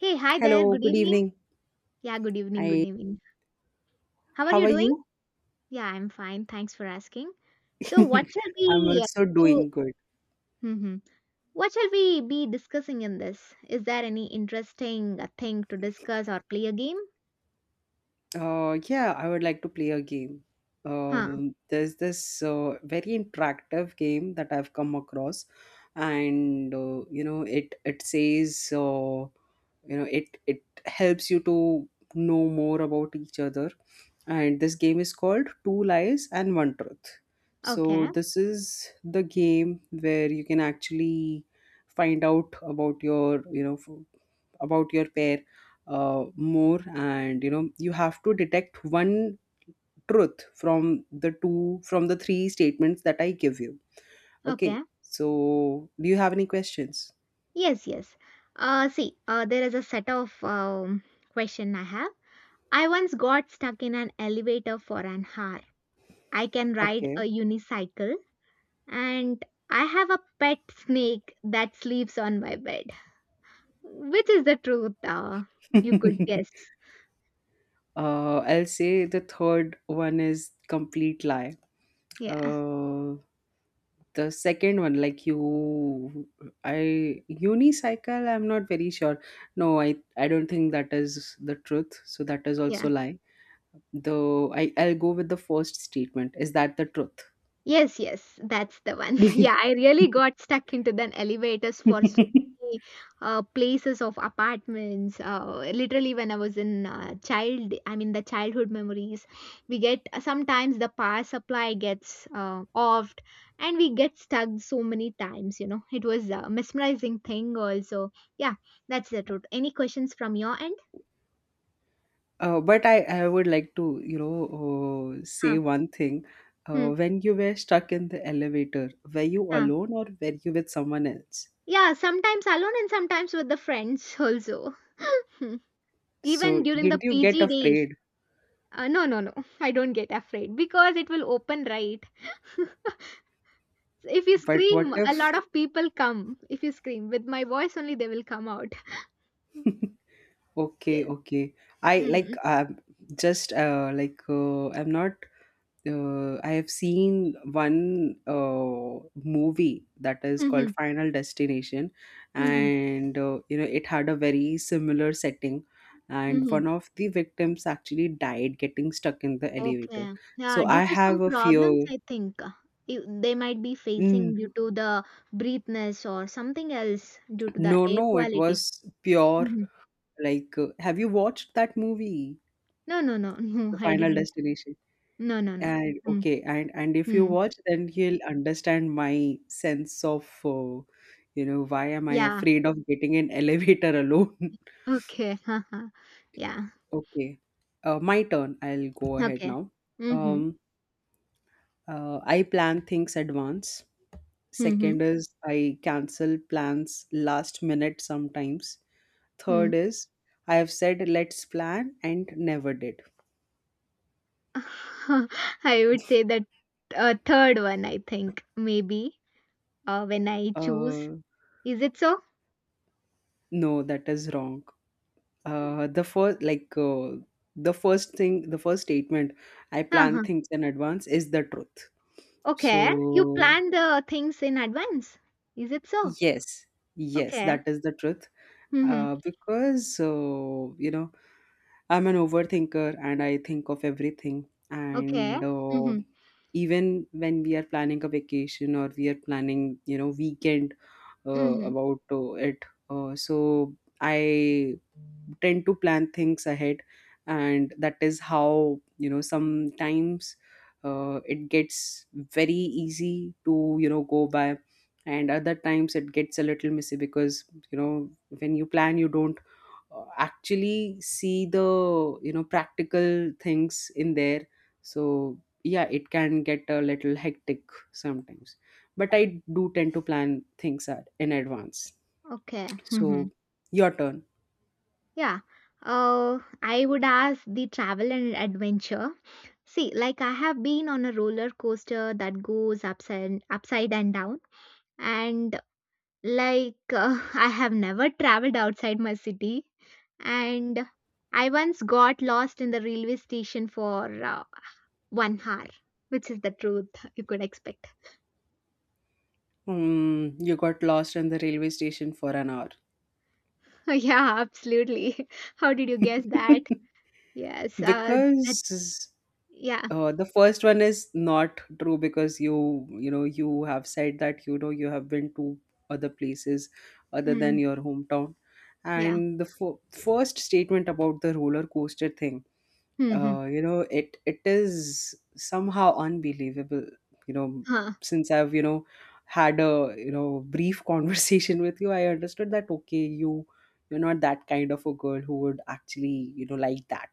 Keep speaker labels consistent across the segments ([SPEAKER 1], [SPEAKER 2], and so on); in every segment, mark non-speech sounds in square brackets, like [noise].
[SPEAKER 1] Hey, hi there.
[SPEAKER 2] Hello,
[SPEAKER 1] Good
[SPEAKER 2] good
[SPEAKER 1] evening.
[SPEAKER 2] evening.
[SPEAKER 1] Yeah, good evening. Good
[SPEAKER 2] Hi,
[SPEAKER 1] evening. How are
[SPEAKER 2] how
[SPEAKER 1] you
[SPEAKER 2] are
[SPEAKER 1] doing?
[SPEAKER 2] you?
[SPEAKER 1] Yeah, I'm fine. Thanks for asking. So, what
[SPEAKER 2] [laughs]
[SPEAKER 1] shall
[SPEAKER 2] I'm
[SPEAKER 1] we
[SPEAKER 2] also
[SPEAKER 1] do?
[SPEAKER 2] doing good.
[SPEAKER 1] Hmm. What shall we be discussing in this? Is there any interesting thing to discuss or play a game?
[SPEAKER 2] Yeah, I would like to play a game.
[SPEAKER 1] Huh.
[SPEAKER 2] There's this very interactive game that I've come across, and it says it helps you to know more about each other, and this game is called two lies and one truth. So
[SPEAKER 1] Okay.
[SPEAKER 2] this is the game where you can actually find out about your about your pair, more, and you have to detect one truth from the two from the three statements that I give you, okay?
[SPEAKER 1] Okay.
[SPEAKER 2] So do you have any questions?
[SPEAKER 1] Yes, yes. There is a set of question I have. I once got stuck in an elevator for an hour. I can ride a unicycle and I have a pet snake that sleeps on my bed, which is the truth. You could
[SPEAKER 2] Okay.
[SPEAKER 1] guess.
[SPEAKER 2] [laughs] I'll say the third one is complete lie.
[SPEAKER 1] Yeah,
[SPEAKER 2] Uh, the second one, like you, I unicycle. I'm not very sure. No, I don't think that is the truth, so that is
[SPEAKER 1] yeah.
[SPEAKER 2] also lie. Though I'll go with the first statement. Is that the truth?
[SPEAKER 1] Yes, yes, that's the one. [laughs] Yeah, I really
[SPEAKER 2] [laughs]
[SPEAKER 1] got stuck into the elevators for so many places of apartments. Literally, when I was in child, I mean the childhood memories, we get sometimes the power supply gets offed, and we get stuck so many times. You know, it was a mesmerizing thing. Also, yeah, that's the truth. Any questions from your end?
[SPEAKER 2] But I would like to, say
[SPEAKER 1] Huh.
[SPEAKER 2] one thing.
[SPEAKER 1] Hmm.
[SPEAKER 2] When you were stuck in the elevator, were you
[SPEAKER 1] Huh.
[SPEAKER 2] alone or were you with someone else?
[SPEAKER 1] Yeah, sometimes alone and sometimes with the friends also. [laughs] Even
[SPEAKER 2] So
[SPEAKER 1] during the
[SPEAKER 2] didn't you get
[SPEAKER 1] PG days.
[SPEAKER 2] afraid?
[SPEAKER 1] No, no, no. [laughs] I don't get afraid because it will open right. [laughs] If you
[SPEAKER 2] But what
[SPEAKER 1] scream, a lot
[SPEAKER 2] if?
[SPEAKER 1] of people come. If you scream with my voice only, they will come out. [laughs]
[SPEAKER 2] Okay,
[SPEAKER 1] Yes.
[SPEAKER 2] okay. I like
[SPEAKER 1] Mm.
[SPEAKER 2] just I'm not. I have seen one movie that is called
[SPEAKER 1] Mm-hmm.
[SPEAKER 2] Final Destination,
[SPEAKER 1] Mm-hmm.
[SPEAKER 2] and it had a very similar setting, and one
[SPEAKER 1] Mm-hmm.
[SPEAKER 2] of the victims actually died getting stuck in the elevator.
[SPEAKER 1] Okay. Yeah,
[SPEAKER 2] So I
[SPEAKER 1] due to
[SPEAKER 2] have
[SPEAKER 1] some
[SPEAKER 2] a
[SPEAKER 1] problems,
[SPEAKER 2] fear.
[SPEAKER 1] I think they might be
[SPEAKER 2] Mm,
[SPEAKER 1] facing due to the breathness or something else due to the
[SPEAKER 2] no,
[SPEAKER 1] air
[SPEAKER 2] no, it
[SPEAKER 1] quality.
[SPEAKER 2] was pure.
[SPEAKER 1] Hmm.
[SPEAKER 2] Like, have you watched that movie?
[SPEAKER 1] No, no, no, [laughs] no,
[SPEAKER 2] The
[SPEAKER 1] I
[SPEAKER 2] Final
[SPEAKER 1] didn't.
[SPEAKER 2] Destination?
[SPEAKER 1] No, no, no.
[SPEAKER 2] And okay, and if you
[SPEAKER 1] Mm-hmm.
[SPEAKER 2] watch, then he'll understand my sense of why am I
[SPEAKER 1] Yeah,
[SPEAKER 2] afraid of getting an elevator alone.
[SPEAKER 1] okay. [laughs] Haha. Yeah.
[SPEAKER 2] [laughs] Okay. My turn, I'll go ahead
[SPEAKER 1] Okay.
[SPEAKER 2] now.
[SPEAKER 1] Mhm.
[SPEAKER 2] um I plan things advance. Second
[SPEAKER 1] Mhm.
[SPEAKER 2] is I cancel plans last minute sometimes.
[SPEAKER 1] Mm.
[SPEAKER 2] Third is I have said let's plan and never did.
[SPEAKER 1] [laughs] I would say that a third one, I think, maybe, when I choose.
[SPEAKER 2] uh
[SPEAKER 1] Is it so?
[SPEAKER 2] no that is wrong. Uh, the first, like uh, the first statement, I plan
[SPEAKER 1] Uh-huh.
[SPEAKER 2] things in advance, is the truth. So
[SPEAKER 1] Okay. You plan the things in advance. Is it so?
[SPEAKER 2] yes, yes,
[SPEAKER 1] Okay.
[SPEAKER 2] that is the truth.
[SPEAKER 1] Mhm.
[SPEAKER 2] Uh, because uh, you know, I'm an overthinker and I think of everything.
[SPEAKER 1] Okay.
[SPEAKER 2] And
[SPEAKER 1] Mhm.
[SPEAKER 2] even when we are planning a vacation or we are planning, you know, weekend
[SPEAKER 1] Mhm.
[SPEAKER 2] about it. So I tend to plan things ahead, and that is how, you know, sometimes it gets very easy to, you know, go by, and other times it gets a little messy because, you know, when you plan, you don't actually see the, you know, practical things in there. So yeah, it can get a little hectic sometimes, but I do tend to plan things in advance.
[SPEAKER 1] Okay.
[SPEAKER 2] So
[SPEAKER 1] Mhm.
[SPEAKER 2] your turn.
[SPEAKER 1] Yeah. I would ask the travel and adventure. See, like I have been on a roller coaster that goes upside and down. And like, [laughs] I have never traveled outside my city, and I once got lost in the railway station for one hour, which is the truth you could expect.
[SPEAKER 2] Hmm, you got lost in the railway station for an hour.
[SPEAKER 1] [laughs] Yeah, absolutely. [laughs] How did you guess that?
[SPEAKER 2] [laughs]
[SPEAKER 1] Yes,
[SPEAKER 2] Because
[SPEAKER 1] that, yeah,
[SPEAKER 2] The first one is not true because you know, you have said that, you know, you have been to other places other than
[SPEAKER 1] mm,
[SPEAKER 2] your hometown,
[SPEAKER 1] yeah.
[SPEAKER 2] and the first statement about the roller coaster thing,
[SPEAKER 1] hmm
[SPEAKER 2] it it is somehow unbelievable. You know,
[SPEAKER 1] Huh.
[SPEAKER 2] since I've, you know, had a, you know, brief [laughs] conversation with you, I understood that, okay, you're not that kind of a girl who would actually, you know, like that.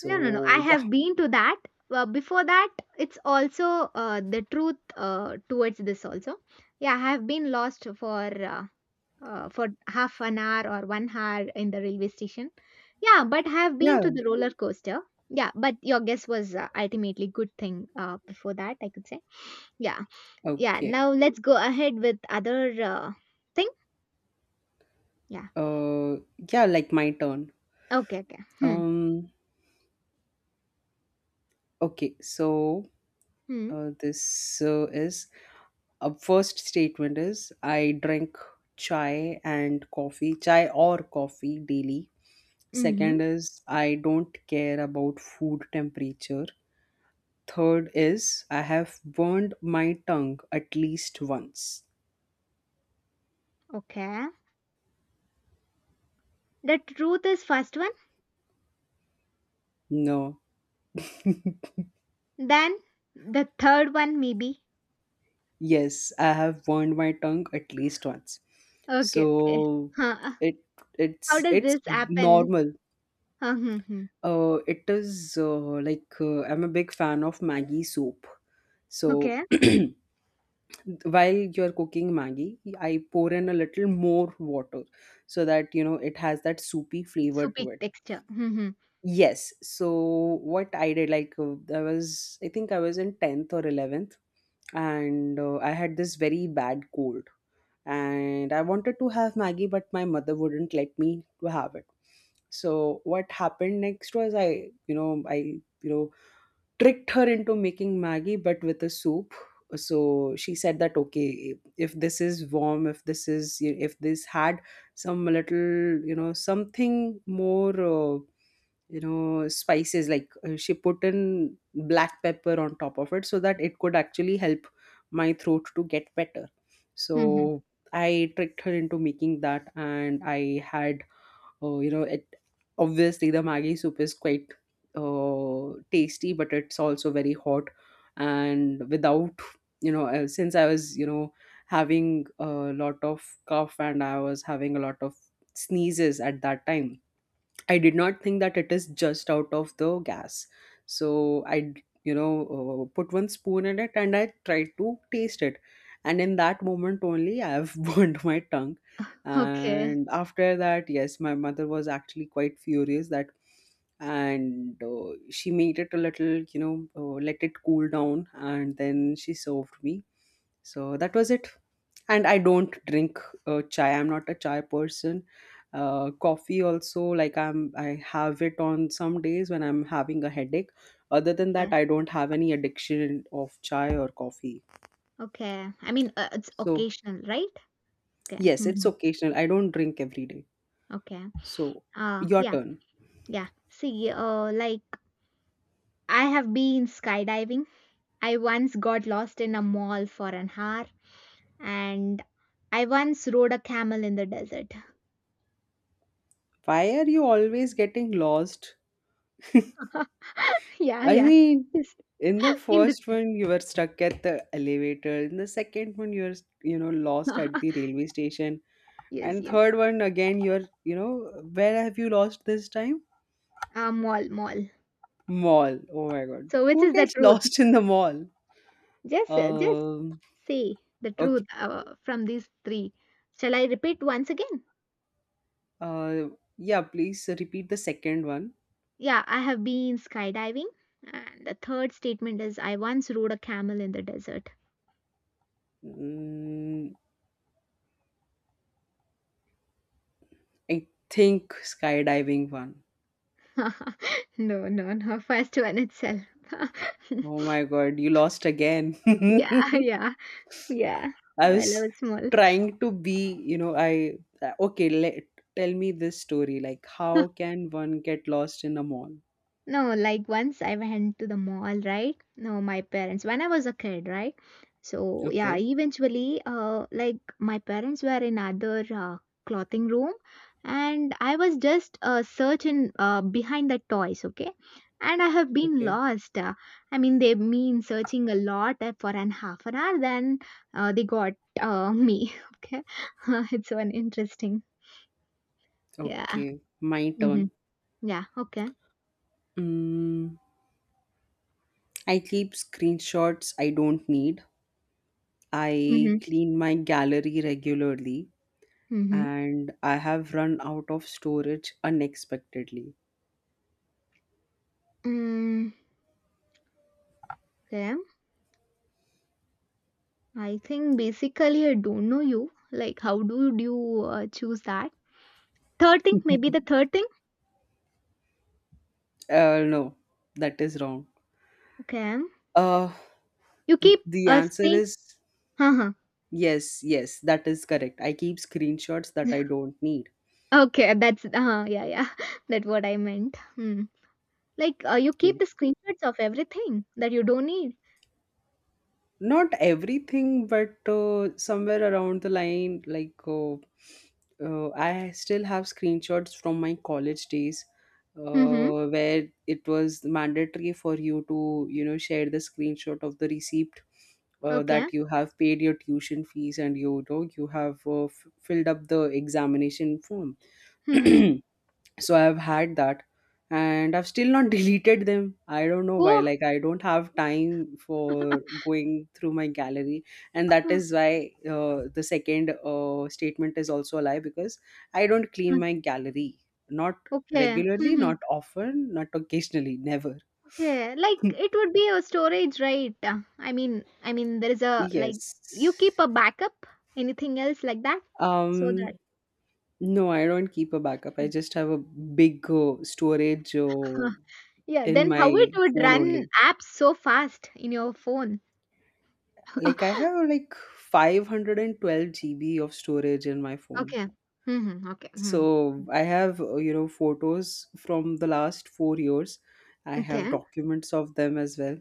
[SPEAKER 1] No, no, no. I
[SPEAKER 2] yeah.
[SPEAKER 1] have been to that. Before that, it's also the truth towards this also. Yeah, I have been lost for half an hour or one hour in the railway station. Yeah, but I have been
[SPEAKER 2] Yeah,
[SPEAKER 1] to the roller coaster. Yeah, but your guess was ultimately good thing before that, I could say. Yeah, yeah.
[SPEAKER 2] okay.
[SPEAKER 1] Now let's go ahead with other thing. Yeah.
[SPEAKER 2] Uh, yeah, like my turn.
[SPEAKER 1] Okay. Okay. Hmm.
[SPEAKER 2] Um, okay, so
[SPEAKER 1] Hmm.
[SPEAKER 2] this is a first statement is I drink chai and coffee, chai or coffee daily.
[SPEAKER 1] Mm-hmm.
[SPEAKER 2] Second is I don't care about food temperature. Third is I have burned my tongue at least once.
[SPEAKER 1] Okay. The truth is first one.
[SPEAKER 2] No,
[SPEAKER 1] Then the third one maybe.
[SPEAKER 2] yes, I have burned my tongue at least once.
[SPEAKER 1] Okay. Okay.
[SPEAKER 2] So
[SPEAKER 1] Huh.
[SPEAKER 2] it
[SPEAKER 1] How
[SPEAKER 2] it's
[SPEAKER 1] does
[SPEAKER 2] it's
[SPEAKER 1] this happen?
[SPEAKER 2] normal.
[SPEAKER 1] Huh, hmm.
[SPEAKER 2] It is like I'm a big fan of Maggi soup. So
[SPEAKER 1] Okay.
[SPEAKER 2] [clears throat] while you're cooking Maggi, I pour in a little more water so that, you know, it has that soupy flavor
[SPEAKER 1] So big
[SPEAKER 2] to it.
[SPEAKER 1] texture. Hmm. hmm,
[SPEAKER 2] Yes. So what I did, like, I think I was in tenth or 11th, and I had this very bad cold, and I wanted to have Maggie, but my mother wouldn't let me to have it. So what happened next was I you know tricked her into making Maggie, but with a soup. So she said that, okay, if this is warm, if this had some little, you know, something more spices, like, she put in black pepper on top of it so that it could actually help my throat to get better.
[SPEAKER 1] hmm, hmm.
[SPEAKER 2] So I tricked her into making that, and I had you know it obviously the Maggi soup is quite tasty, but it's also very hot. And without, since I was, you know, having a lot of cough and I was having a lot of sneezes at that time, I did not think that it is just out of the gas. So I, you know, put one spoon in it and I tried to taste it. And in that moment only, I have [laughs] burned my tongue.
[SPEAKER 1] Okay.
[SPEAKER 2] And after that, yes, my mother was actually quite furious that, and she made it a little, you know, let it cool down, and then she served me. So that was it. And I don't drink chai, I'm not a chai person. Coffee also, like, I have it on some days when I'm having a headache. Other than that,
[SPEAKER 1] Okay.
[SPEAKER 2] I don't have any addiction of chai or coffee.
[SPEAKER 1] Okay. I mean, it's
[SPEAKER 2] So
[SPEAKER 1] occasional, right? Okay.
[SPEAKER 2] yes, it's
[SPEAKER 1] Mhm.
[SPEAKER 2] occasional, I don't drink every day.
[SPEAKER 1] Okay.
[SPEAKER 2] So your
[SPEAKER 1] Yeah,
[SPEAKER 2] turn.
[SPEAKER 1] yeah. See, like I have been skydiving. I once got lost in a mall for an hour, and I once rode a camel in the desert.
[SPEAKER 2] Why are you always getting lost? [laughs]
[SPEAKER 1] [laughs] Yeah,
[SPEAKER 2] I
[SPEAKER 1] yeah.
[SPEAKER 2] mean,
[SPEAKER 1] Yes.
[SPEAKER 2] in the
[SPEAKER 1] [laughs] In the
[SPEAKER 2] first
[SPEAKER 1] chat.
[SPEAKER 2] one, you were stuck at the elevator. In the second one, you're, you know, lost at the
[SPEAKER 1] [laughs]
[SPEAKER 2] railway station.
[SPEAKER 1] Yes,
[SPEAKER 2] And
[SPEAKER 1] yes.
[SPEAKER 2] third one, again, you're, you know, where have you lost this time?
[SPEAKER 1] Mall, mall.
[SPEAKER 2] Mall. Oh my God.
[SPEAKER 1] So, which
[SPEAKER 2] Who
[SPEAKER 1] is the
[SPEAKER 2] gets [laughs]
[SPEAKER 1] truth?
[SPEAKER 2] lost in the mall?
[SPEAKER 1] Just
[SPEAKER 2] Um,
[SPEAKER 1] say the
[SPEAKER 2] okay.
[SPEAKER 1] truth from these three. Shall I repeat once again?
[SPEAKER 2] Uh, yeah, please repeat the second one.
[SPEAKER 1] Yeah, I have been skydiving. And the third statement is I once rode a camel in the desert.
[SPEAKER 2] Mm, I think skydiving one.
[SPEAKER 1] [laughs] No, no, no. First one itself. [laughs]
[SPEAKER 2] Oh my God, you lost again.
[SPEAKER 1] Yeah, yeah, yeah.
[SPEAKER 2] [laughs] I
[SPEAKER 1] Well, I
[SPEAKER 2] was
[SPEAKER 1] was small.
[SPEAKER 2] trying to be, you know, I okay, let tell me this story. Like, how can one get lost in a mall?
[SPEAKER 1] No, like once I went to the mall, right? No, my parents, when I was a kid, right? So, yeah,
[SPEAKER 2] Okay,
[SPEAKER 1] eventually, like my parents were in other clothing room and I was just searching behind the toys, okay? And I have been
[SPEAKER 2] okay,
[SPEAKER 1] lost. I mean, they've been searching a lot for an half an hour, then they got me, [laughs] okay? [laughs] It's so interesting. Yeah.
[SPEAKER 2] okay. My
[SPEAKER 1] Mm-hmm.
[SPEAKER 2] turn.
[SPEAKER 1] Yeah, okay.
[SPEAKER 2] Mm, I keep screenshots I don't need. I
[SPEAKER 1] Mm-hmm.
[SPEAKER 2] clean my gallery regularly,
[SPEAKER 1] Mm-hmm.
[SPEAKER 2] and I have run out of storage unexpectedly.
[SPEAKER 1] Mm, okay. I think basically I don't know you. Like, how do you choose that? Third thing,
[SPEAKER 2] [laughs]
[SPEAKER 1] maybe
[SPEAKER 2] uh,
[SPEAKER 1] the third thing.
[SPEAKER 2] no, that is wrong.
[SPEAKER 1] Okay,
[SPEAKER 2] Uh,
[SPEAKER 1] you keep
[SPEAKER 2] the answer
[SPEAKER 1] saying,
[SPEAKER 2] is
[SPEAKER 1] huh?
[SPEAKER 2] Yes, yes, that is correct. I keep screenshots that I don't need.
[SPEAKER 1] Okay, that's yeah, yeah. [laughs] That's what I meant. Hmm. Like, you keep
[SPEAKER 2] Okay.
[SPEAKER 1] the screenshots of everything that you don't need.
[SPEAKER 2] Not everything, but somewhere around the line, like, I still have screenshots from my college days
[SPEAKER 1] Mm-hmm.
[SPEAKER 2] where it was mandatory for you to, you know, share the screenshot of the receipt
[SPEAKER 1] Okay.
[SPEAKER 2] that you have paid your tuition fees and you know you have filled up the examination form.
[SPEAKER 1] Mm-hmm.
[SPEAKER 2] [clears throat] So I've had that, and I've still not [laughs] deleted them. I don't know why,
[SPEAKER 1] Oh.
[SPEAKER 2] like, I don't have time for going through my gallery. And that
[SPEAKER 1] uh,
[SPEAKER 2] is why the second statement is also a lie because I don't
[SPEAKER 1] uh,
[SPEAKER 2] clean my gallery, not
[SPEAKER 1] Okay.
[SPEAKER 2] regularly,
[SPEAKER 1] Mm-hmm.
[SPEAKER 2] not often, not occasionally, never.
[SPEAKER 1] Okay. Like,
[SPEAKER 2] [laughs]
[SPEAKER 1] it would be a storage, right? I mean, there is a like you
[SPEAKER 2] Yes.
[SPEAKER 1] keep a backup. Anything else like that? So
[SPEAKER 2] um
[SPEAKER 1] that.
[SPEAKER 2] no, I don't keep a backup. I just have a big storage,
[SPEAKER 1] Yeah,
[SPEAKER 2] in
[SPEAKER 1] then
[SPEAKER 2] my
[SPEAKER 1] how it would
[SPEAKER 2] phone
[SPEAKER 1] run
[SPEAKER 2] only.
[SPEAKER 1] apps so fast in your phone?
[SPEAKER 2] Like I have like 512 GB of storage in my phone.
[SPEAKER 1] Okay. Mm-hmm. Okay. Hmm.
[SPEAKER 2] So I have, you know, photos from the last 4 years. I have
[SPEAKER 1] Okay.
[SPEAKER 2] documents of them as well.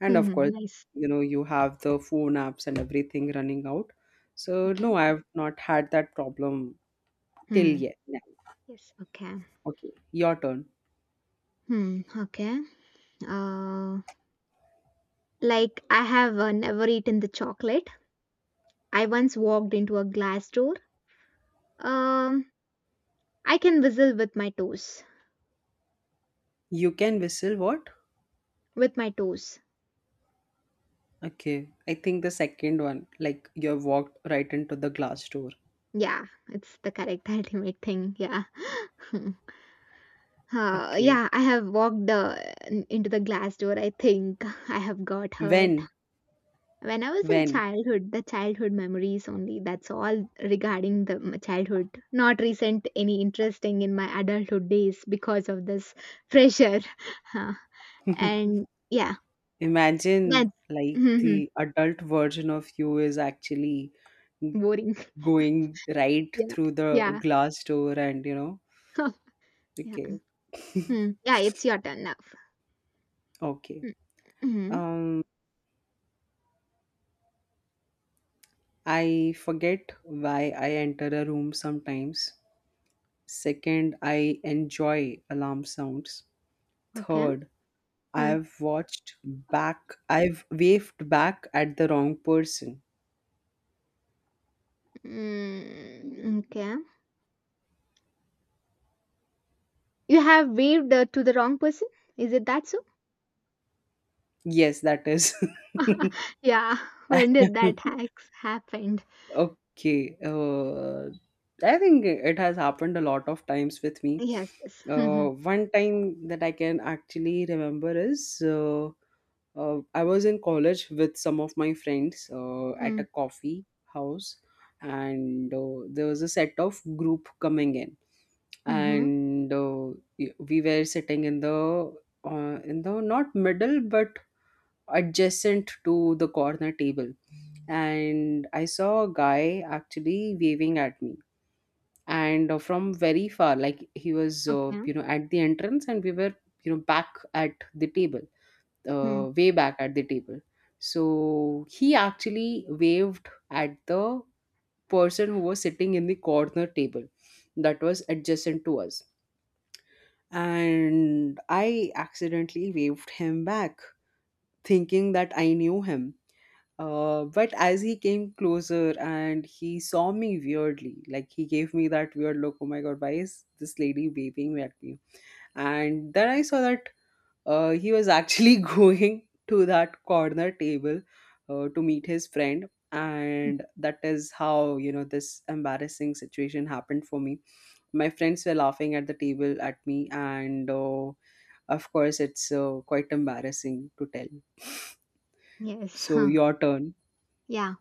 [SPEAKER 2] And of course,
[SPEAKER 1] Mm-hmm. Nice.
[SPEAKER 2] you know, you have the phone apps and everything running out. So no,
[SPEAKER 1] Okay.
[SPEAKER 2] I've not had that problem till
[SPEAKER 1] Hmm.
[SPEAKER 2] yet. Yeah.
[SPEAKER 1] Yes. Okay.
[SPEAKER 2] Okay, your turn.
[SPEAKER 1] Hmm. Okay. Uh, like I have never eaten the chocolate. I once walked into a glass door. Um, I can whistle with my toes.
[SPEAKER 2] You can whistle what?
[SPEAKER 1] With my toes.
[SPEAKER 2] Okay, I think the second one, like you have walked right into the glass door.
[SPEAKER 1] Yeah, it's the correct [laughs] ultimate thing. Yeah. [laughs] Hmm.
[SPEAKER 2] Okay.
[SPEAKER 1] Yeah, I have walked into the glass door. I think [laughs] I have got hurt.
[SPEAKER 2] When?
[SPEAKER 1] When I was in
[SPEAKER 2] When?
[SPEAKER 1] childhood, the childhood memories only, that's all regarding the childhood. Not recent any interesting in my adulthood days because of this pressure. [laughs] Huh.
[SPEAKER 2] [laughs]
[SPEAKER 1] And yeah,
[SPEAKER 2] Imagine
[SPEAKER 1] that's
[SPEAKER 2] like
[SPEAKER 1] [laughs]
[SPEAKER 2] the adult version of you is actually
[SPEAKER 1] boring.
[SPEAKER 2] going right
[SPEAKER 1] [laughs] Yeah.
[SPEAKER 2] through the
[SPEAKER 1] Yeah.
[SPEAKER 2] glass door, and you know,
[SPEAKER 1] [laughs] Yeah.
[SPEAKER 2] okay.
[SPEAKER 1] Hmm.
[SPEAKER 2] [laughs]
[SPEAKER 1] Yeah, it's your turn now.
[SPEAKER 2] Okay.
[SPEAKER 1] Hmm, Mm-hmm.
[SPEAKER 2] um I forget why I enter a room sometimes. Second, I enjoy alarm sounds.
[SPEAKER 1] Okay.
[SPEAKER 2] Third,
[SPEAKER 1] Hmm.
[SPEAKER 2] I've watched I've waved back at the wrong person.
[SPEAKER 1] Mm, okay. You have waved to the wrong person? Is it that so?
[SPEAKER 2] Yes, that is.
[SPEAKER 1] Yeah. [laughs] When did that
[SPEAKER 2] [laughs]
[SPEAKER 1] hacks happened?
[SPEAKER 2] Okay. I think it has happened a lot of times with me.
[SPEAKER 1] Yes, yes. [laughs]
[SPEAKER 2] One time that I can actually remember is I was in college with some of my friends at
[SPEAKER 1] Mm-hmm.
[SPEAKER 2] a
[SPEAKER 1] Mm.
[SPEAKER 2] coffee house, and there was a set of group coming in,
[SPEAKER 1] Mm-hmm.
[SPEAKER 2] and we were sitting in the not middle but adjacent to the corner table, and I saw a guy actually waving at me, and from very far, like he was,
[SPEAKER 1] Okay.
[SPEAKER 2] you know, at the entrance, and we were, you know, back at the table,
[SPEAKER 1] Hmm.
[SPEAKER 2] way back at the table. So he actually waved at the person who was sitting in the corner table that was adjacent to us. And I accidentally waved him back, thinking that I knew him. But as he came closer and he saw me weirdly, like he gave me that weird look, oh my god, why is this lady waving at me? And then I saw that he was actually [laughs] going to that corner table to meet his friend.
[SPEAKER 1] Hmm.
[SPEAKER 2] And that is how, you know, this embarrassing situation happened for me. My friends were laughing at the table at me, and of course, it's quite embarrassing to tell.
[SPEAKER 1] Yes. [laughs]
[SPEAKER 2] So,
[SPEAKER 1] Huh.
[SPEAKER 2] your turn.
[SPEAKER 1] Yeah.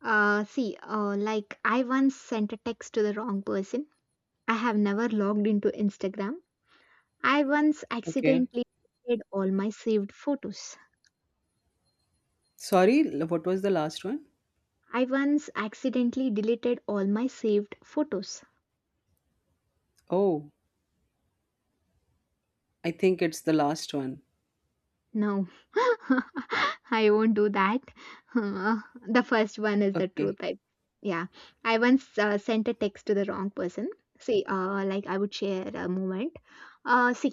[SPEAKER 1] See, like I once sent a text to the wrong person. I have never logged into Instagram. I once
[SPEAKER 2] Okay?
[SPEAKER 1] accidentally deleted all my saved photos.
[SPEAKER 2] Sorry, what was the last one?
[SPEAKER 1] I once accidentally deleted all my saved photos.
[SPEAKER 2] Oh, I think it's the last one.
[SPEAKER 1] No, [laughs] I won't do that. [laughs] Uh, the first one is the truth.
[SPEAKER 2] Okay,
[SPEAKER 1] I, yeah, I once sent a text to the wrong person. See, like I would share a moment. See,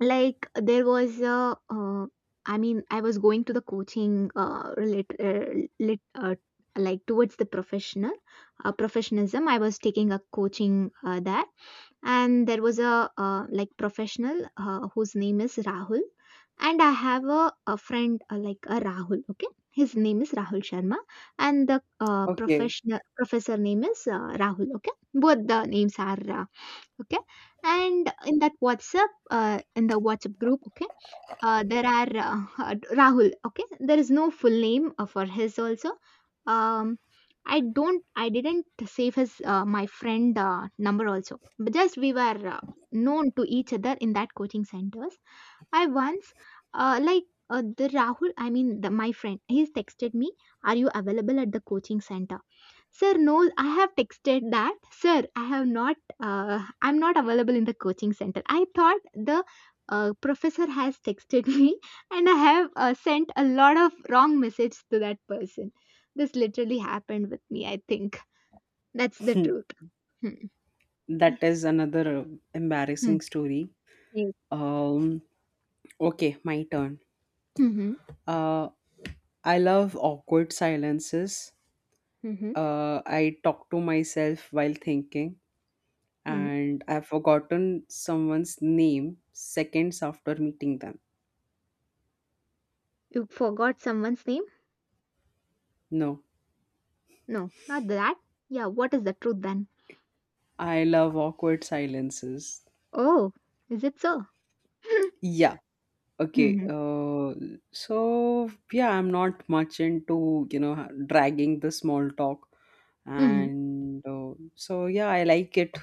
[SPEAKER 1] like there was a, I mean I was going to the coaching, like towards the professionalism, I was taking a coaching there, and there was a like professional whose name is Rahul, and I have a friend like a Rahul, okay, his name is Rahul Sharma, and the
[SPEAKER 2] okay.
[SPEAKER 1] professional professor name is Rahul, okay, both the names are okay. And in that WhatsApp, in the WhatsApp group, okay, there are [laughs] Rahul, okay, there is no full name for his also. Um, I didn't save his my friend number also, but just we were known to each other in that coaching centers. I once like the Rahul, I mean the, my friend, he's texted me, are you available at the coaching center? Sir, no, I have texted that. Sir, I have not, I'm not available in the coaching center. I thought the professor has texted [laughs] me, and I have sent a lot of wrong message to that person. This literally happened with me, I think. That's the
[SPEAKER 2] Hmm.
[SPEAKER 1] truth. Hmm.
[SPEAKER 2] That is
[SPEAKER 1] Yes.
[SPEAKER 2] another
[SPEAKER 1] Hmm.
[SPEAKER 2] embarrassing story.
[SPEAKER 1] Yes.
[SPEAKER 2] Um, okay, my turn.
[SPEAKER 1] Mm-hmm.
[SPEAKER 2] Uh, I love awkward silences.
[SPEAKER 1] Mm-hmm.
[SPEAKER 2] I talk to myself while thinking,
[SPEAKER 1] Hmm.
[SPEAKER 2] and I've forgotten someone's name seconds after meeting them.
[SPEAKER 1] You forgot someone's name?
[SPEAKER 2] No,
[SPEAKER 1] No, not that. Yeah, what is the truth then?
[SPEAKER 2] I love awkward silences.
[SPEAKER 1] Oh, is it so? [laughs]
[SPEAKER 2] Yeah, okay,
[SPEAKER 1] Mm-hmm.
[SPEAKER 2] so yeah, I'm not much into, you know, dragging the small talk.
[SPEAKER 1] Mm-hmm.
[SPEAKER 2] And so yeah, I like it.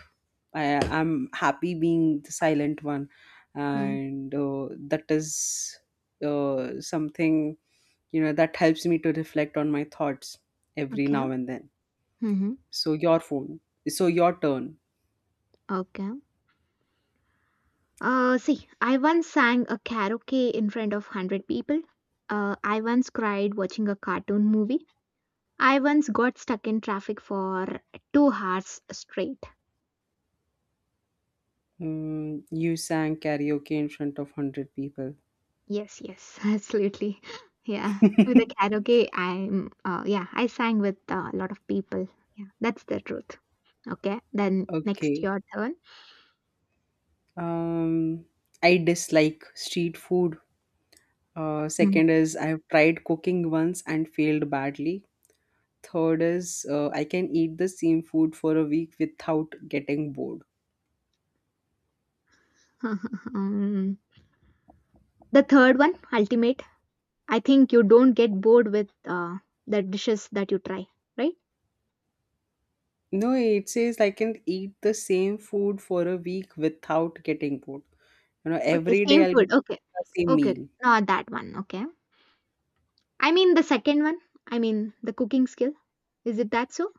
[SPEAKER 2] I'm happy being the silent one. And that is something, you know, that helps me to reflect on my thoughts every
[SPEAKER 1] Okay.
[SPEAKER 2] now and then.
[SPEAKER 1] Mm-hmm.
[SPEAKER 2] So your phone, so your turn.
[SPEAKER 1] Okay. See, I once sang a karaoke in front of 100 people. I once cried watching a cartoon movie. I once got stuck in traffic for 2 hours straight.
[SPEAKER 2] Mm, you sang karaoke in front of 100 people. [laughs]
[SPEAKER 1] Yes, yes, [laughs] absolutely. Yeah, with the karaoke, I'm, yeah, I sang with a lot of people. Yeah, that's the truth. Okay, then next
[SPEAKER 2] Okay.
[SPEAKER 1] your turn.
[SPEAKER 2] Um, I dislike street food.
[SPEAKER 1] Mm.
[SPEAKER 2] Second
[SPEAKER 1] [laughs]
[SPEAKER 2] is I've tried cooking once and failed badly. Third is I can eat the same food for a week without getting bored.
[SPEAKER 1] Um, the third one, ultimate. I think you don't get bored with the dishes that you try, right?
[SPEAKER 2] No, it says I can eat the same food for a week without getting bored. You know,
[SPEAKER 1] Okay,
[SPEAKER 2] every day
[SPEAKER 1] same
[SPEAKER 2] I'll be
[SPEAKER 1] food. Okay.
[SPEAKER 2] eating the same
[SPEAKER 1] Okay.
[SPEAKER 2] meal.
[SPEAKER 1] Not that one. Okay. I mean the second one. I mean the cooking skill. Is it that so?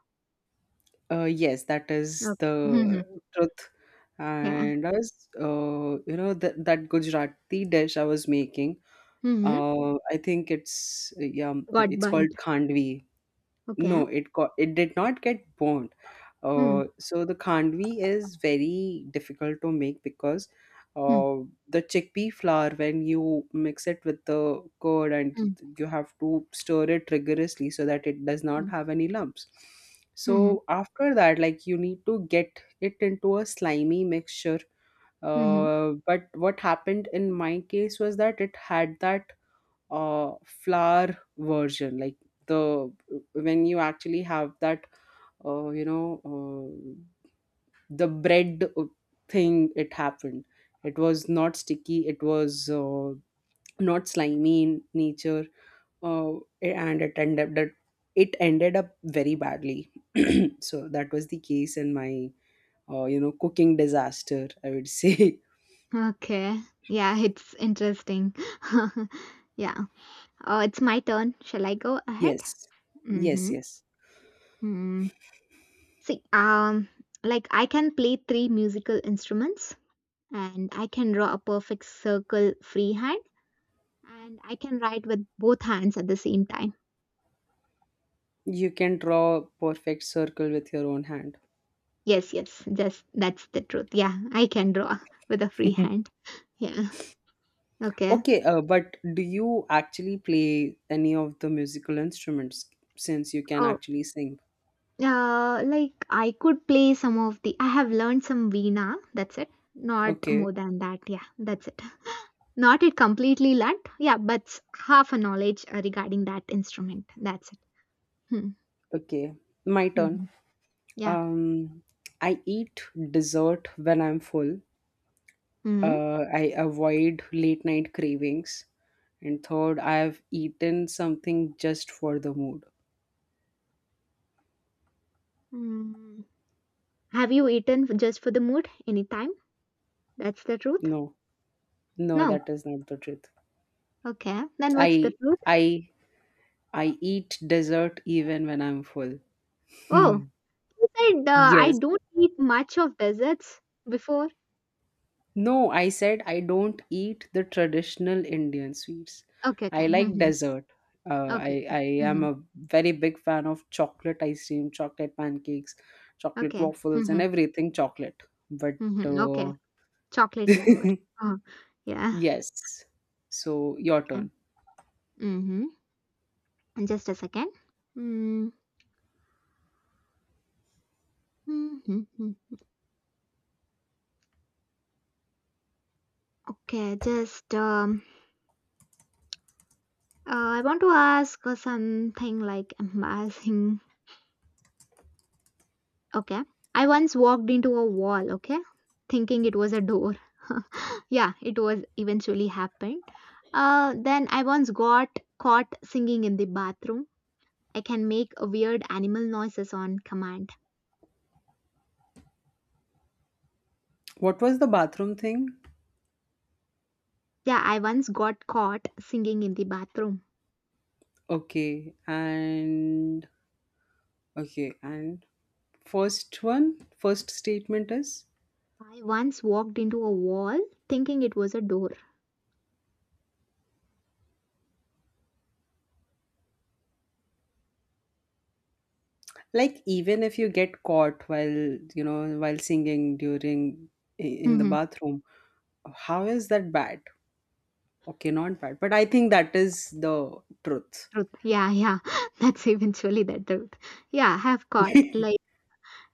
[SPEAKER 2] Yes, that is
[SPEAKER 1] Okay.
[SPEAKER 2] the
[SPEAKER 1] [laughs] Mm-hmm.
[SPEAKER 2] truth.
[SPEAKER 1] Yeah.
[SPEAKER 2] And I was, you know, that Gujarati dish I was making.
[SPEAKER 1] Mm-hmm.
[SPEAKER 2] I think it's yeah,
[SPEAKER 1] Got
[SPEAKER 2] it's called
[SPEAKER 1] burnt.
[SPEAKER 2] Khandvi.
[SPEAKER 1] Okay.
[SPEAKER 2] No, it did not get burnt.
[SPEAKER 1] Mm-hmm.
[SPEAKER 2] So the Khandvi is very difficult to make because uh, the chickpea flour, when you mix it with the curd, and
[SPEAKER 1] Mm-hmm.
[SPEAKER 2] you have to stir it rigorously so that it does not have any lumps.
[SPEAKER 1] Mm-hmm.
[SPEAKER 2] So after that, like you need to get it into a slimy mixture.
[SPEAKER 1] Mm-hmm.
[SPEAKER 2] But what happened in my case was that it had that flower version, like the when you actually have that you know the bread thing, it happened. It was not sticky, it was not slimy in nature, uh, and it ended up very badly. [clears throat] So that was the case in my you know cooking disaster, I would say.
[SPEAKER 1] Okay. Yeah, it's interesting. [laughs] Yeah. Oh, it's my turn. Shall I go
[SPEAKER 2] [laughs]
[SPEAKER 1] ahead?
[SPEAKER 2] Yes, yes,
[SPEAKER 1] Mm-hmm.
[SPEAKER 2] yes,
[SPEAKER 1] Mm. See, like I can play three musical instruments, and I can draw a perfect circle freehand, and I can write with both hands at the same time.
[SPEAKER 2] you can draw a perfect circle with your own hand.
[SPEAKER 1] Yes, yes, just that's the truth. Yeah, I can draw [laughs] with a free
[SPEAKER 2] [laughs]
[SPEAKER 1] hand. Yeah. Okay.
[SPEAKER 2] Okay, but do you actually play any of the musical instruments since you can
[SPEAKER 1] Oh,
[SPEAKER 2] actually sing?
[SPEAKER 1] like I could play some of the. I have learned some Veena. That's it. Not
[SPEAKER 2] Okay,
[SPEAKER 1] more than that. Yeah, that's it. Not it completely learnt. Yeah, but half a knowledge regarding that instrument. That's it. Hmm.
[SPEAKER 2] okay. My turn.
[SPEAKER 1] Hmm. Yeah.
[SPEAKER 2] Um, I eat dessert when I'm full.
[SPEAKER 1] Hmm.
[SPEAKER 2] I avoid late night cravings. And third, I've eaten something just for the mood.
[SPEAKER 1] Mm. Have you eaten just for the mood anytime? That's the truth.
[SPEAKER 2] No, no,
[SPEAKER 1] No.
[SPEAKER 2] that is not the truth.
[SPEAKER 1] Okay, then what's the
[SPEAKER 2] I,
[SPEAKER 1] truth?
[SPEAKER 2] I, I eat dessert even when I'm full.
[SPEAKER 1] Oh,
[SPEAKER 2] [laughs]
[SPEAKER 1] you said I
[SPEAKER 2] Yes,
[SPEAKER 1] don't eat much of desserts before.
[SPEAKER 2] no, I said I don't eat the traditional Indian sweets.
[SPEAKER 1] Okay, okay.
[SPEAKER 2] I like
[SPEAKER 1] Mm-hmm.
[SPEAKER 2] dessert. Uh,
[SPEAKER 1] Okay,
[SPEAKER 2] I
[SPEAKER 1] okay.
[SPEAKER 2] I am
[SPEAKER 1] Mm-hmm.
[SPEAKER 2] a very big fan of chocolate ice cream, chocolate pancakes, chocolate
[SPEAKER 1] Okay.
[SPEAKER 2] waffles,
[SPEAKER 1] Mm-hmm.
[SPEAKER 2] and everything chocolate. But
[SPEAKER 1] Mm-hmm. Okay.
[SPEAKER 2] uh,
[SPEAKER 1] Chocolate lover.
[SPEAKER 2] [laughs]
[SPEAKER 1] Oh, yeah.
[SPEAKER 2] yes. So your
[SPEAKER 1] Okay.
[SPEAKER 2] turn.
[SPEAKER 1] Mm-hmm. Just a second. Mm-hmm. Okay, just I want to ask something like embarrassing. Okay. I once walked into a wall, okay, thinking it was a door. [laughs] Yeah, it was eventually happened. Then I once got caught singing in the bathroom. I can make a weird animal noises on command.
[SPEAKER 2] What was the bathroom thing?
[SPEAKER 1] Yeah, I once got caught singing in the bathroom.
[SPEAKER 2] Okay, and okay, and first one, first statement is,
[SPEAKER 1] I once walked into a wall thinking it was a door. [laughs]
[SPEAKER 2] like, even if you get caught while, you know, while singing during in the
[SPEAKER 1] Mhm.
[SPEAKER 2] bathroom, how is that bad? Okay, not bad, but I think that is the truth.
[SPEAKER 1] Truth. Yeah, yeah. [laughs] That's eventually the truth. Yeah, I have caught.
[SPEAKER 2] [laughs]
[SPEAKER 1] Like,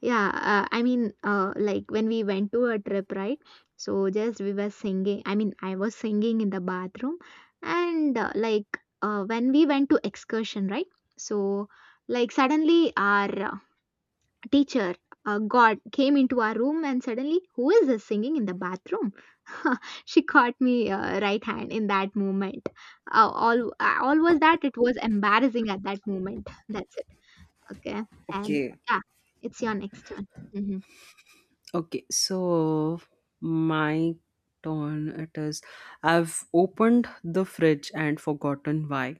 [SPEAKER 1] yeah, like when we went to a trip, right? So just we were singing. I mean, I was singing in the bathroom, and like when we went to excursion, right? So like suddenly our teacher, God, came into our room and suddenly, who is this singing in the bathroom? [laughs] She caught me right hand in that moment. All was that it was embarrassing at that moment. That's it. Okay, and
[SPEAKER 2] Okay,
[SPEAKER 1] yeah, it's your next turn. Mm-hmm.
[SPEAKER 2] okay, so my turn, it is I've opened the fridge and forgotten why.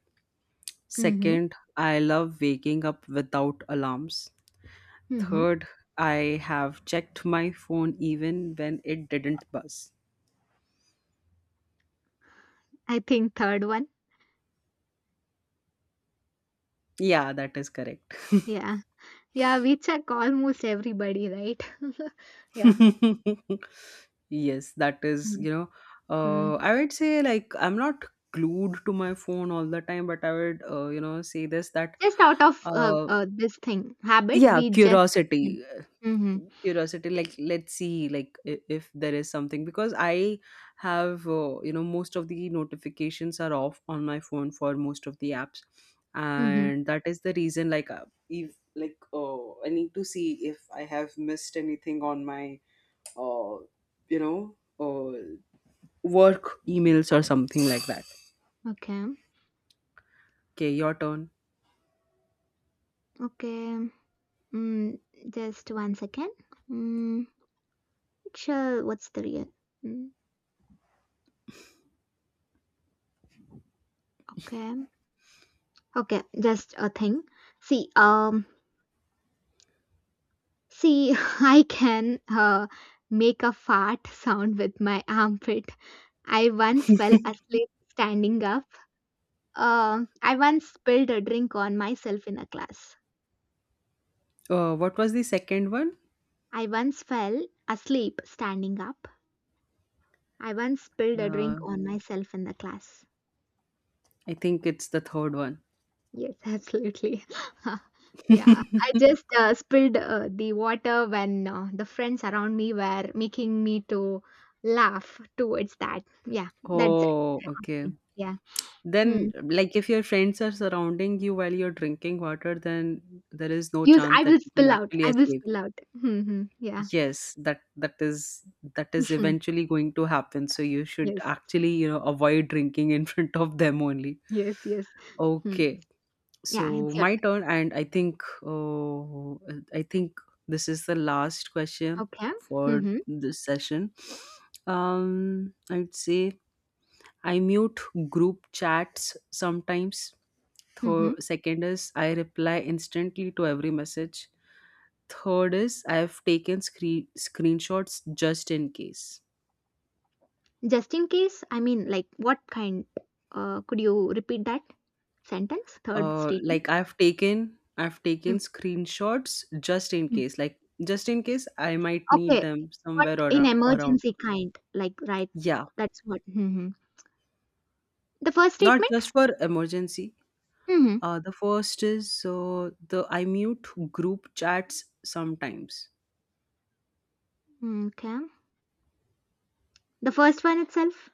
[SPEAKER 1] Mhm.
[SPEAKER 2] Second, I love waking up without alarms.
[SPEAKER 1] Mhm.
[SPEAKER 2] Third, I have checked my phone even when it didn't buzz.
[SPEAKER 1] I think third one.
[SPEAKER 2] Yeah, that is correct.
[SPEAKER 1] Yeah. Yeah, we check almost everybody, right? [laughs] Yeah.
[SPEAKER 2] [laughs] Yes, that is, you know,
[SPEAKER 1] Mm-hmm.
[SPEAKER 2] I would say like I'm not glued to my phone all the time, but I would, you know, say this that,
[SPEAKER 1] Just out of
[SPEAKER 2] uh,
[SPEAKER 1] this thing, habit,
[SPEAKER 2] yeah,
[SPEAKER 1] we just.
[SPEAKER 2] curiosity.
[SPEAKER 1] Mm-hmm.
[SPEAKER 2] Curiosity, like let's see, like if there is something, because I have you know, most of the notifications are off on my phone for most of the apps,
[SPEAKER 1] Mm-hmm.
[SPEAKER 2] and that is the reason, like if, like I need to see if I have missed anything on my uh, you know uh, work emails or something like that.
[SPEAKER 1] Okay.
[SPEAKER 2] Okay, your turn.
[SPEAKER 1] Okay. Mm, just one second. Mm, sure. What's the real? Mm, okay. Okay. Just a thing. See, see, [laughs] I can make a fart sound with my armpit. I once fell asleep standing up. I once spilled a drink on myself in a class.
[SPEAKER 2] What was the second one?
[SPEAKER 1] I once fell asleep standing up. I once spilled a
[SPEAKER 2] uh,
[SPEAKER 1] drink on myself in the class.
[SPEAKER 2] I think it's the third one.
[SPEAKER 1] Yes, [laughs] absolutely. [laughs] Yeah, I just
[SPEAKER 2] [laughs]
[SPEAKER 1] spilled the water when the friends around me were making me to laugh towards that. Yeah, that's
[SPEAKER 2] Oh, okay.
[SPEAKER 1] it. Yeah. Hmm.
[SPEAKER 2] Then, like, if your friends are surrounding you while you're drinking water, then there is no
[SPEAKER 1] Use
[SPEAKER 2] chance
[SPEAKER 1] I
[SPEAKER 2] that
[SPEAKER 1] will
[SPEAKER 2] you can
[SPEAKER 1] spill out.
[SPEAKER 2] actually
[SPEAKER 1] I will
[SPEAKER 2] escape.
[SPEAKER 1] spill out. [laughs] Hmm. Yeah.
[SPEAKER 2] Yes, that is
[SPEAKER 1] [laughs]
[SPEAKER 2] eventually going to happen. So you should
[SPEAKER 1] Yes.
[SPEAKER 2] actually, you know, avoid drinking in [laughs] front of them only.
[SPEAKER 1] Yes, yes. Hmm.
[SPEAKER 2] Okay,
[SPEAKER 1] Yeah,
[SPEAKER 2] so
[SPEAKER 1] it's your
[SPEAKER 2] my turn, and I think, oh, I think this is the last question
[SPEAKER 1] turn. Okay.
[SPEAKER 2] for
[SPEAKER 1] Mm-hmm.
[SPEAKER 2] this session. I'd say I mute group chats sometimes.
[SPEAKER 1] Mm-hmm.
[SPEAKER 2] Third, second is I reply instantly to every message. Third is I have taken screenshots just in case.
[SPEAKER 1] Just in case, I mean, like, what kind? Could you repeat that sentence? Third statement.
[SPEAKER 2] Like I've taken screenshots just in
[SPEAKER 1] Mm-hmm.
[SPEAKER 2] case. Like just in case I might need
[SPEAKER 1] Okay.
[SPEAKER 2] them
[SPEAKER 1] What
[SPEAKER 2] somewhere
[SPEAKER 1] in
[SPEAKER 2] or around.
[SPEAKER 1] emergency kind? Like, right?
[SPEAKER 2] Yeah,
[SPEAKER 1] That's what. Mm-hmm. The first
[SPEAKER 2] not
[SPEAKER 1] statement.
[SPEAKER 2] just for emergency. The first is the I mute group chats sometimes.
[SPEAKER 1] Mm-hmm. Okay. The first one itself.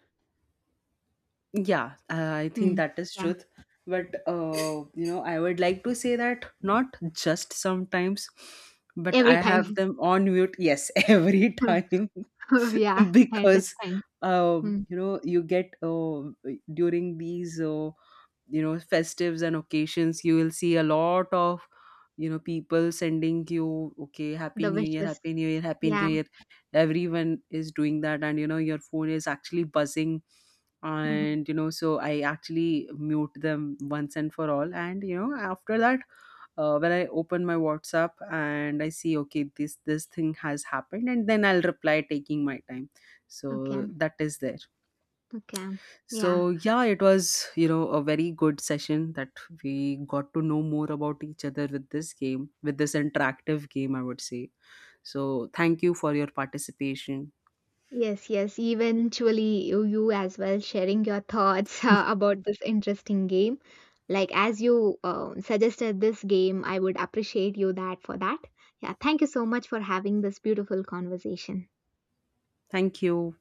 [SPEAKER 2] Yeah, I think
[SPEAKER 1] Mm.
[SPEAKER 2] that is
[SPEAKER 1] Yeah.
[SPEAKER 2] truth. But you know, I would like to say that not just sometimes, but I
[SPEAKER 1] Every time.
[SPEAKER 2] have
[SPEAKER 1] [laughs]
[SPEAKER 2] them on mute. Yes, [laughs] every time
[SPEAKER 1] Oh, yeah.
[SPEAKER 2] [laughs]
[SPEAKER 1] I
[SPEAKER 2] because
[SPEAKER 1] understand. Mm.
[SPEAKER 2] you know, you get during these you know festives and occasions, you will see a lot of, you know, people sending you, okay, happy
[SPEAKER 1] The
[SPEAKER 2] new year,
[SPEAKER 1] wishes.
[SPEAKER 2] happy new year, happy new
[SPEAKER 1] Yeah.
[SPEAKER 2] year, everyone is doing that, and you know your phone is actually buzzing,
[SPEAKER 1] Mm-hmm.
[SPEAKER 2] and you know, so I actually mute them once and for all, and you know, after that when I open my WhatsApp and I see, okay, this thing has happened, and then I'll reply taking my time. So
[SPEAKER 1] Okay.
[SPEAKER 2] that is there.
[SPEAKER 1] Okay. Yeah.
[SPEAKER 2] So yeah, it was, you know, a very good session that we got to know more about each other with this game, with this interactive game, I would say. So thank you for your participation.
[SPEAKER 1] Yes, yes. Eventually, you as well sharing your thoughts [laughs] about this interesting game. Like, as you suggested this game, I would appreciate you that for that. Yeah, thank you so much for having this beautiful conversation.
[SPEAKER 2] Thank you.